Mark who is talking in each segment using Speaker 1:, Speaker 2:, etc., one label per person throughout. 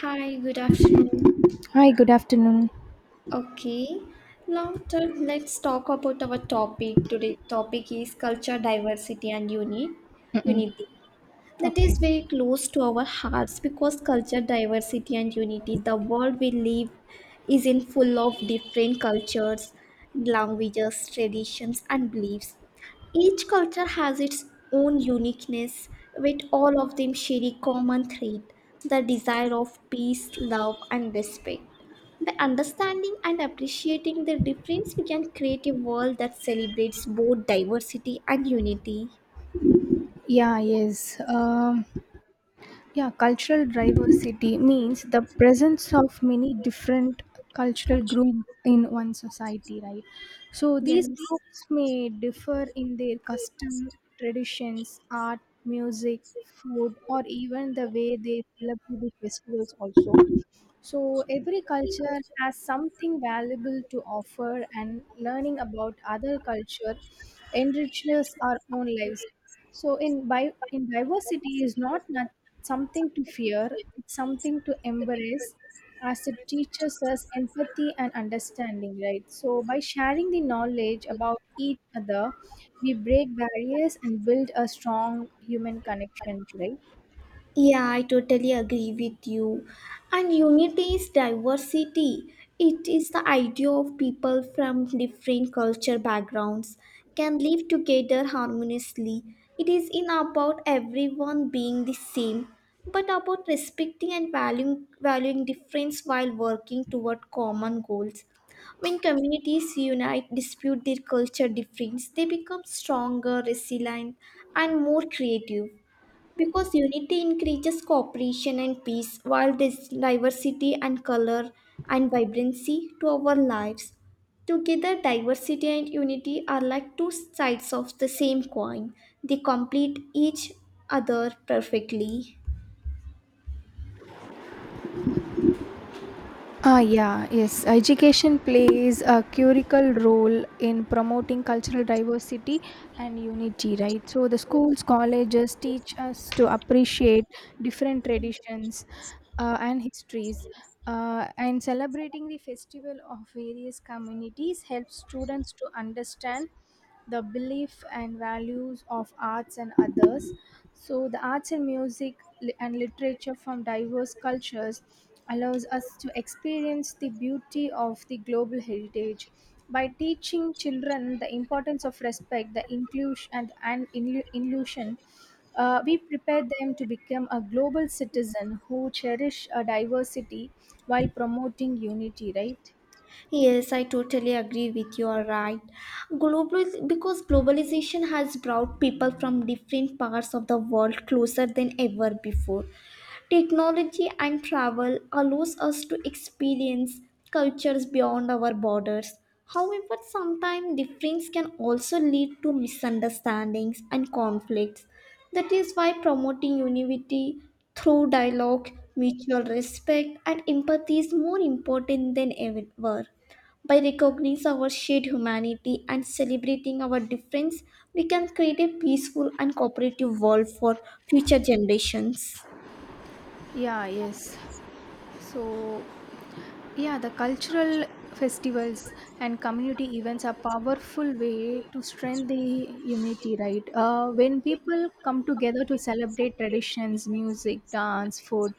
Speaker 1: Hi, good afternoon.
Speaker 2: Hi, good afternoon.
Speaker 1: Okay, long term, let's talk about our topic. Today topic is culture diversity and uni
Speaker 2: Mm-mm.
Speaker 1: unity. That
Speaker 2: Okay.
Speaker 1: is very close to our hearts because culture, diversity, and unity, the world we live is in full of different cultures, languages, traditions, and beliefs. Each culture has its own uniqueness, with all of them sharing common thread the desire of peace, love, and respect. By understanding and appreciating the difference, we can create a world that celebrates both diversity and unity.
Speaker 2: Yeah, yes. Yeah, cultural diversity
Speaker 1: The
Speaker 2: means the presence
Speaker 1: presence
Speaker 2: of
Speaker 1: of
Speaker 2: many
Speaker 1: many
Speaker 2: different
Speaker 1: different
Speaker 2: cultural
Speaker 1: cultural
Speaker 2: groups in
Speaker 1: groups and
Speaker 2: one
Speaker 1: concepts
Speaker 2: society, right? So
Speaker 1: are
Speaker 2: these
Speaker 1: generally yes.
Speaker 2: groups may differ
Speaker 1: Different
Speaker 2: in
Speaker 1: in
Speaker 2: their
Speaker 1: their
Speaker 2: custom,
Speaker 1: customs.
Speaker 2: traditions, art, music, food, or even the way they celebrate the festivals also. So every culture has something valuable to offer, and learning about other culture enriches our own lives. So in diversity is not something to fear; it's something to embrace, as it teaches us empathy and understanding. Right. So by sharing the knowledge about each other, we break barriers and build a strong human connection. Right.
Speaker 1: Yeah, I totally agree with you. And unity is diversity. It is the idea of people from different culture backgrounds can live together harmoniously. It is not about everyone being the same, but about respecting and valuing difference while working toward common goals. When communities unite, dispute their culture difference, they become stronger, resilient, and more creative. Because unity increases cooperation and peace, while this diversity and color and vibrancy to our lives. Together, diversity and unity are like two sides of the same coin. They complete each other perfectly.
Speaker 2: Yeah, yes. Education plays a critical role in promoting cultural diversity and unity, right? So, the schools, colleges teach us to appreciate different traditions and histories. And celebrating the festival of various communities helps students to understand the belief and values of arts and others. So, the arts and music and literature from diverse cultures allows us to experience the beauty of the global heritage. By teaching children the importance of respect, the inclusion, and inclusion, we prepare them to become a global citizen who cherish a diversity while promoting unity, right?
Speaker 1: Yes, I totally agree with you. Are right. Global because globalization has brought people from different parts of the world closer than ever before. Technology and travel allows us to experience cultures beyond our borders. However, sometimes difference can also lead to misunderstandings and conflicts. That is why promoting unity through dialogue, mutual respect, and empathy is more important than ever. By recognizing our shared humanity and celebrating our difference, we can create a peaceful and cooperative world for future generations.
Speaker 2: Yeah, yes. So yeah, the cultural festivals and community events are powerful way to strengthen the unity, right? When people come together to celebrate traditions, music, dance, food,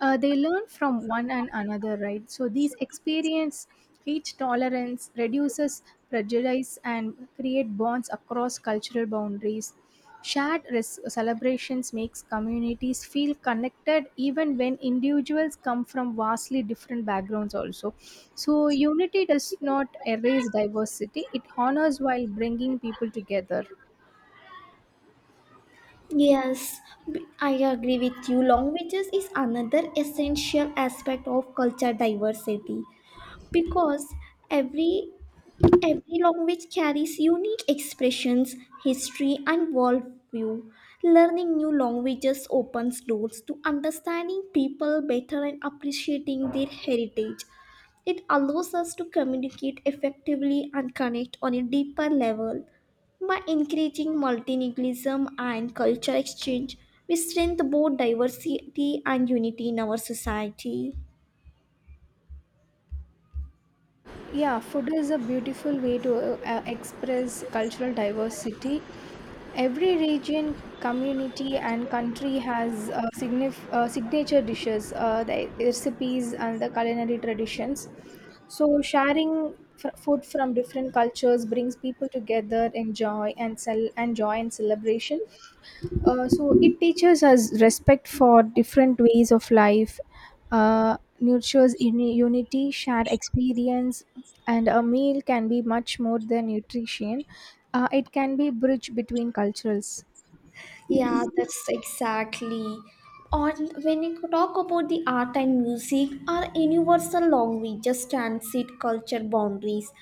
Speaker 2: they learn from one and another, right? So these experience teach tolerance, reduces prejudice, and create bonds across cultural boundaries. Celebrations makes communities feel connected even when individuals come from vastly different backgrounds also. So unity does not erase diversity, it honors while bringing people together.
Speaker 1: Yes, I agree with you. Languages is another essential aspect of culture diversity because every every language carries unique expressions, history, and worldview. Learning new languages opens doors to understanding people better and appreciating their heritage. It allows us to communicate effectively and connect on a deeper level. By encouraging multilingualism and culture exchange, we strengthen both diversity and unity in our society.
Speaker 2: Yeah, food is a beautiful way to express cultural diversity. Every region, community, and country has signature dishes, the recipes, and the culinary traditions. So, sharing food from different cultures brings people together, enjoy and cel- and joy and celebration. So it teaches us respect for different ways of life, unity, shared experience, and a meal can be much more than nutrition. It can be bridge between cultures.
Speaker 1: Yeah, that's exactly. Or when you talk about the art and music are universal languages transit culture boundaries.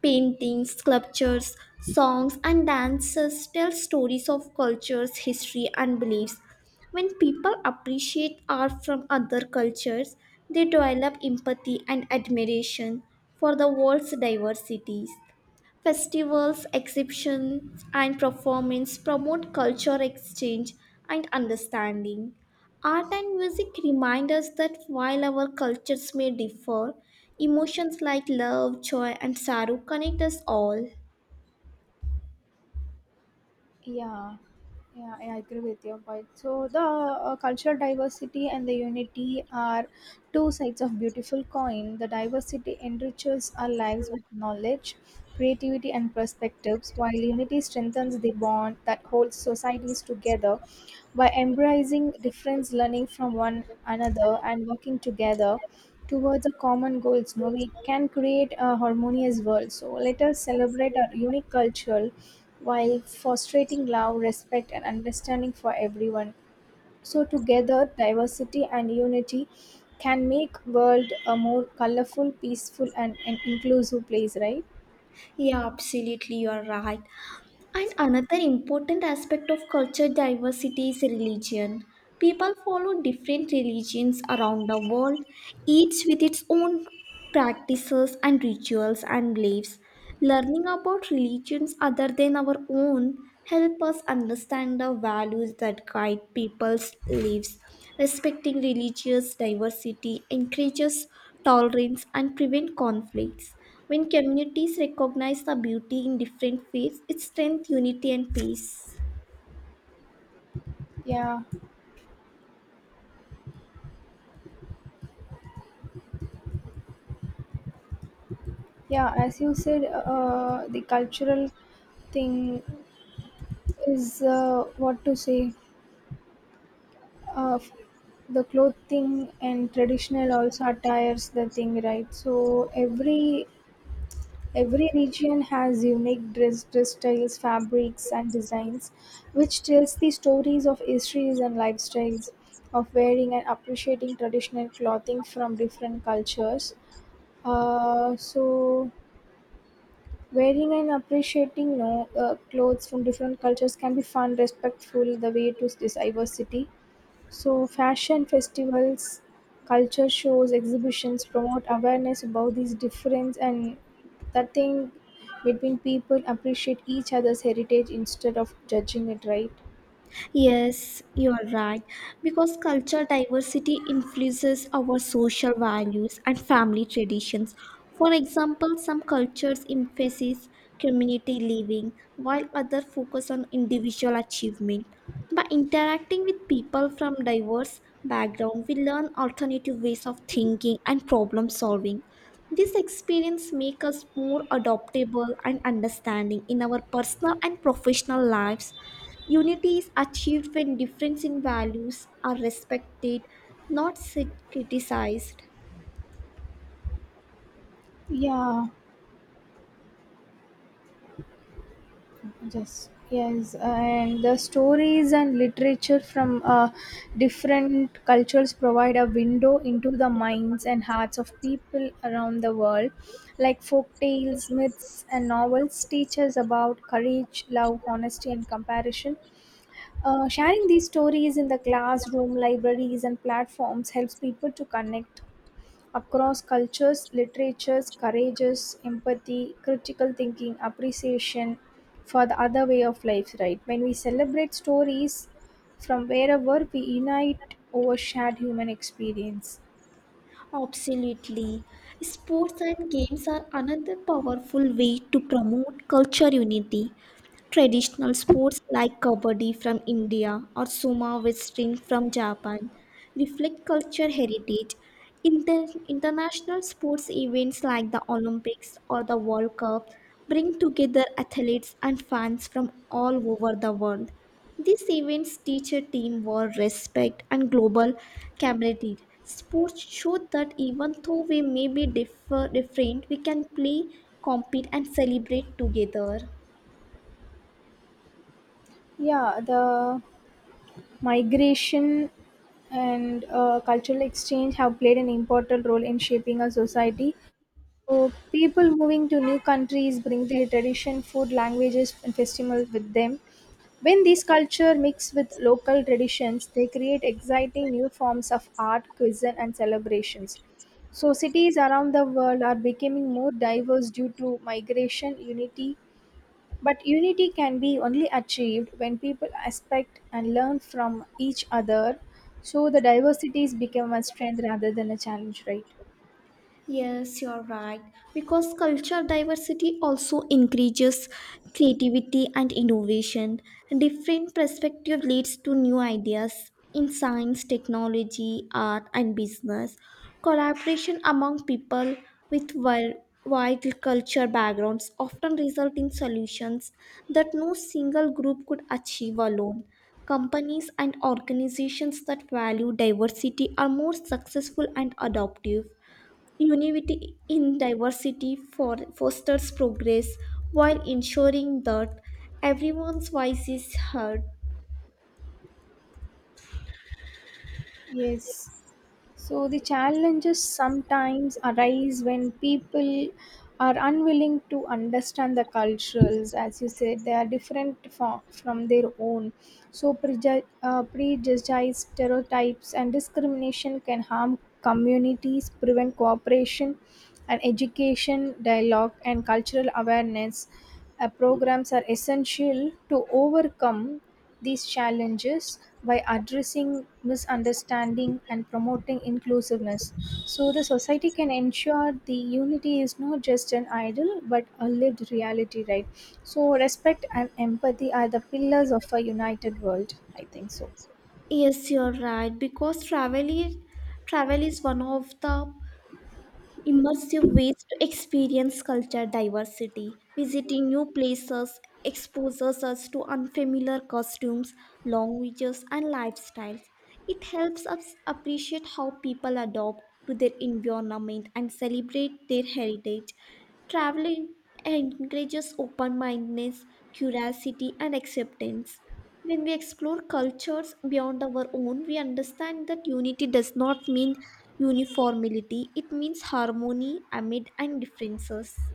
Speaker 1: Paintings, sculptures, songs, and dances tell stories of cultures, history, and beliefs. When people appreciate art from other cultures, they develop empathy and admiration for the world's diversities. Festivals, exhibitions, and performance promote culture exchange and understanding. Art and music remind us that while our cultures may differ, emotions like love, joy, and sorrow connect us all.
Speaker 2: Yeah, yeah, I agree with your point. So the cultural diversity and the unity are two sides of beautiful coin. The diversity enriches our lives with knowledge, creativity, and perspectives, while unity strengthens the bond that holds societies together. By embracing difference, learning from one another, and working together towards a common goals no, we can create a harmonious world. So let us celebrate our unique culture while fostering love, respect, and understanding for everyone. So together, diversity and unity can make world a more colorful, peaceful, and an inclusive place, right?
Speaker 1: Yeah, absolutely, you are right. And another important aspect of culture diversity is religion. People follow different religions around the world, each with its own practices and rituals and beliefs. Learning about religions other than our own help us understand the values that guide people's lives. Respecting religious diversity encourages tolerance and prevent conflicts. When communities recognize the beauty in different faiths, it strengthens unity and peace.
Speaker 2: Yeah, yeah, as you said, the cultural thing is what to say uh, the clothing and traditional also attires the thing, right? So every region has unique dress styles, fabrics, and designs which tells the stories of histories and lifestyles of wearing and appreciating traditional clothing from different cultures. So wearing and appreciating no, clothes from different cultures can be fun, respectful, the way to this diversity. So, fashion festivals, culture shows, exhibitions promote awareness about these difference and that thing between people appreciate each other's heritage instead of judging it, right?
Speaker 1: Yes, you are right. Because cultural diversity influences our social values and family traditions. For example, some cultures emphasize community living, while others focus on individual achievement. By interacting with people from diverse backgrounds, we learn alternative ways of thinking and problem solving. This experience make us more adaptable and understanding in our personal and professional lives. Unity is achieved when difference in values are respected, not sit- criticized.
Speaker 2: Yeah, yes, yes, and the stories and literature from different cultures provide a window into the minds and hearts of people around the world. Like folk tales, myths, and novels teach us about courage, love, honesty, and compassion. Sharing these stories in the classroom, libraries, and platforms helps people to connect across cultures. Literatures encourages empathy, critical thinking, appreciation for the other way of life, right? When we celebrate stories from wherever, we unite over shared human experience.
Speaker 1: Absolutely. Sports and games are another powerful way to promote culture unity. Traditional sports like Kabaddi from India or Sumo wrestling from Japan reflect culture heritage. International sports events like the Olympics or the World Cup bring together athletes and fans from all over the world. These events teach a teamwork, respect, and global camaraderie. Sports show that even though we may be different, we can play, compete, and celebrate together.
Speaker 2: Yeah, the migration and cultural exchange have played an important role in shaping our society. So people moving to new countries bring their tradition, food, languages, and festivals with them. When these cultures mix with local traditions, they create exciting new forms of art, cuisine, and celebrations. So, cities around the world are becoming more diverse due to migration, unity. But unity can be only achieved when people respect and learn from each other. So, the diversities become a strength rather than a challenge, right?
Speaker 1: Yes, you're right. Because cultural diversity also encourages creativity and innovation. Different perspective leads to new ideas in science, technology, art, and business. Collaboration among people with wide culture backgrounds often result in solutions that no single group could achieve alone. Companies and organizations that value diversity are more successful and adaptive. Unity in diversity for fosters progress while ensuring that everyone's voice is heard.
Speaker 2: Yes. So the challenges sometimes arise when people are unwilling to understand the cultures, as you said, they are different from their own. So prejudice, stereotypes, and discrimination can harm communities, prevent cooperation, and education, dialogue, and cultural awareness. Programs are essential to overcome these challenges by addressing misunderstanding and promoting inclusiveness. So, the society can ensure the unity is not just an ideal but a lived reality, right? So, respect and empathy are the pillars of a united world. I think so.
Speaker 1: Yes, you're right, because travel is one of the immersive ways to experience culture diversity. Visiting new places exposes us to unfamiliar costumes, languages, and lifestyles. It helps us appreciate how people adapt to their environment and celebrate their heritage. Traveling encourages open mindedness, curiosity, and acceptance. When we explore cultures beyond our own, we understand that unity does not mean uniformity, it means harmony amid and differences.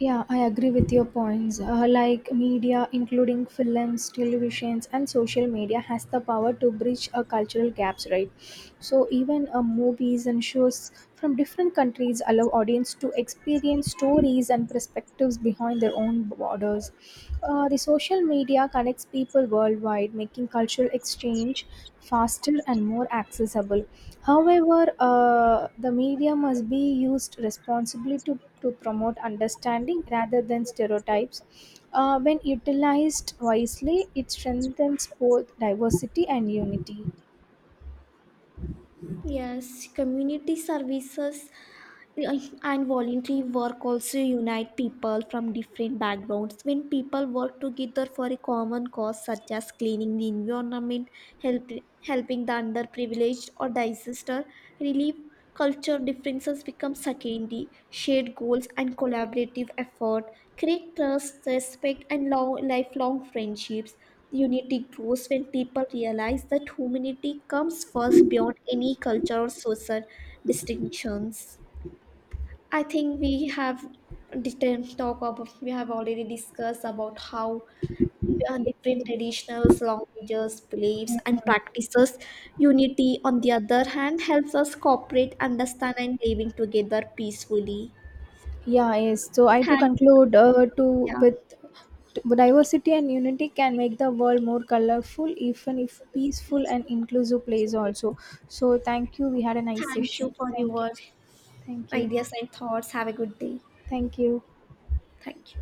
Speaker 2: Yeah, I agree with your points. Like media, including films, televisions, and social media, has the power to bridge cultural gaps, right? So even movies and shows from different countries allow audience to experience stories and perspectives behind their own borders. The social media connects people worldwide, making cultural exchange faster and more accessible. However, the media must be used responsibly to promote understanding rather than stereotypes. When utilized wisely, it strengthens both diversity and unity.
Speaker 1: Yes, community services and voluntary work also unite people from different backgrounds. When people work together for a common cause, such as cleaning the environment, help, helping the underprivileged or disaster relief, culture differences become secondary. Shared goals and collaborative effort create trust, respect, and long, lifelong friendships. Unity grows when people realize that humanity comes first beyond any culture or social distinctions. I think we have detailed talk about we have already discussed about how different traditional languages, beliefs, and practices. Unity, on the other hand, helps us cooperate, understand, and living together peacefully.
Speaker 2: Yeah, yes. So I to
Speaker 1: Thank you.
Speaker 2: conclude to
Speaker 1: Yeah,
Speaker 2: with diversity and unity can make the world more colorful, even if peaceful and inclusive place also. So thank you. We had a nice
Speaker 1: thank
Speaker 2: session.
Speaker 1: you for
Speaker 2: Thank you.
Speaker 1: your
Speaker 2: Thank you.
Speaker 1: ideas and thoughts. Have a good day.
Speaker 2: Thank you.
Speaker 1: Thank you.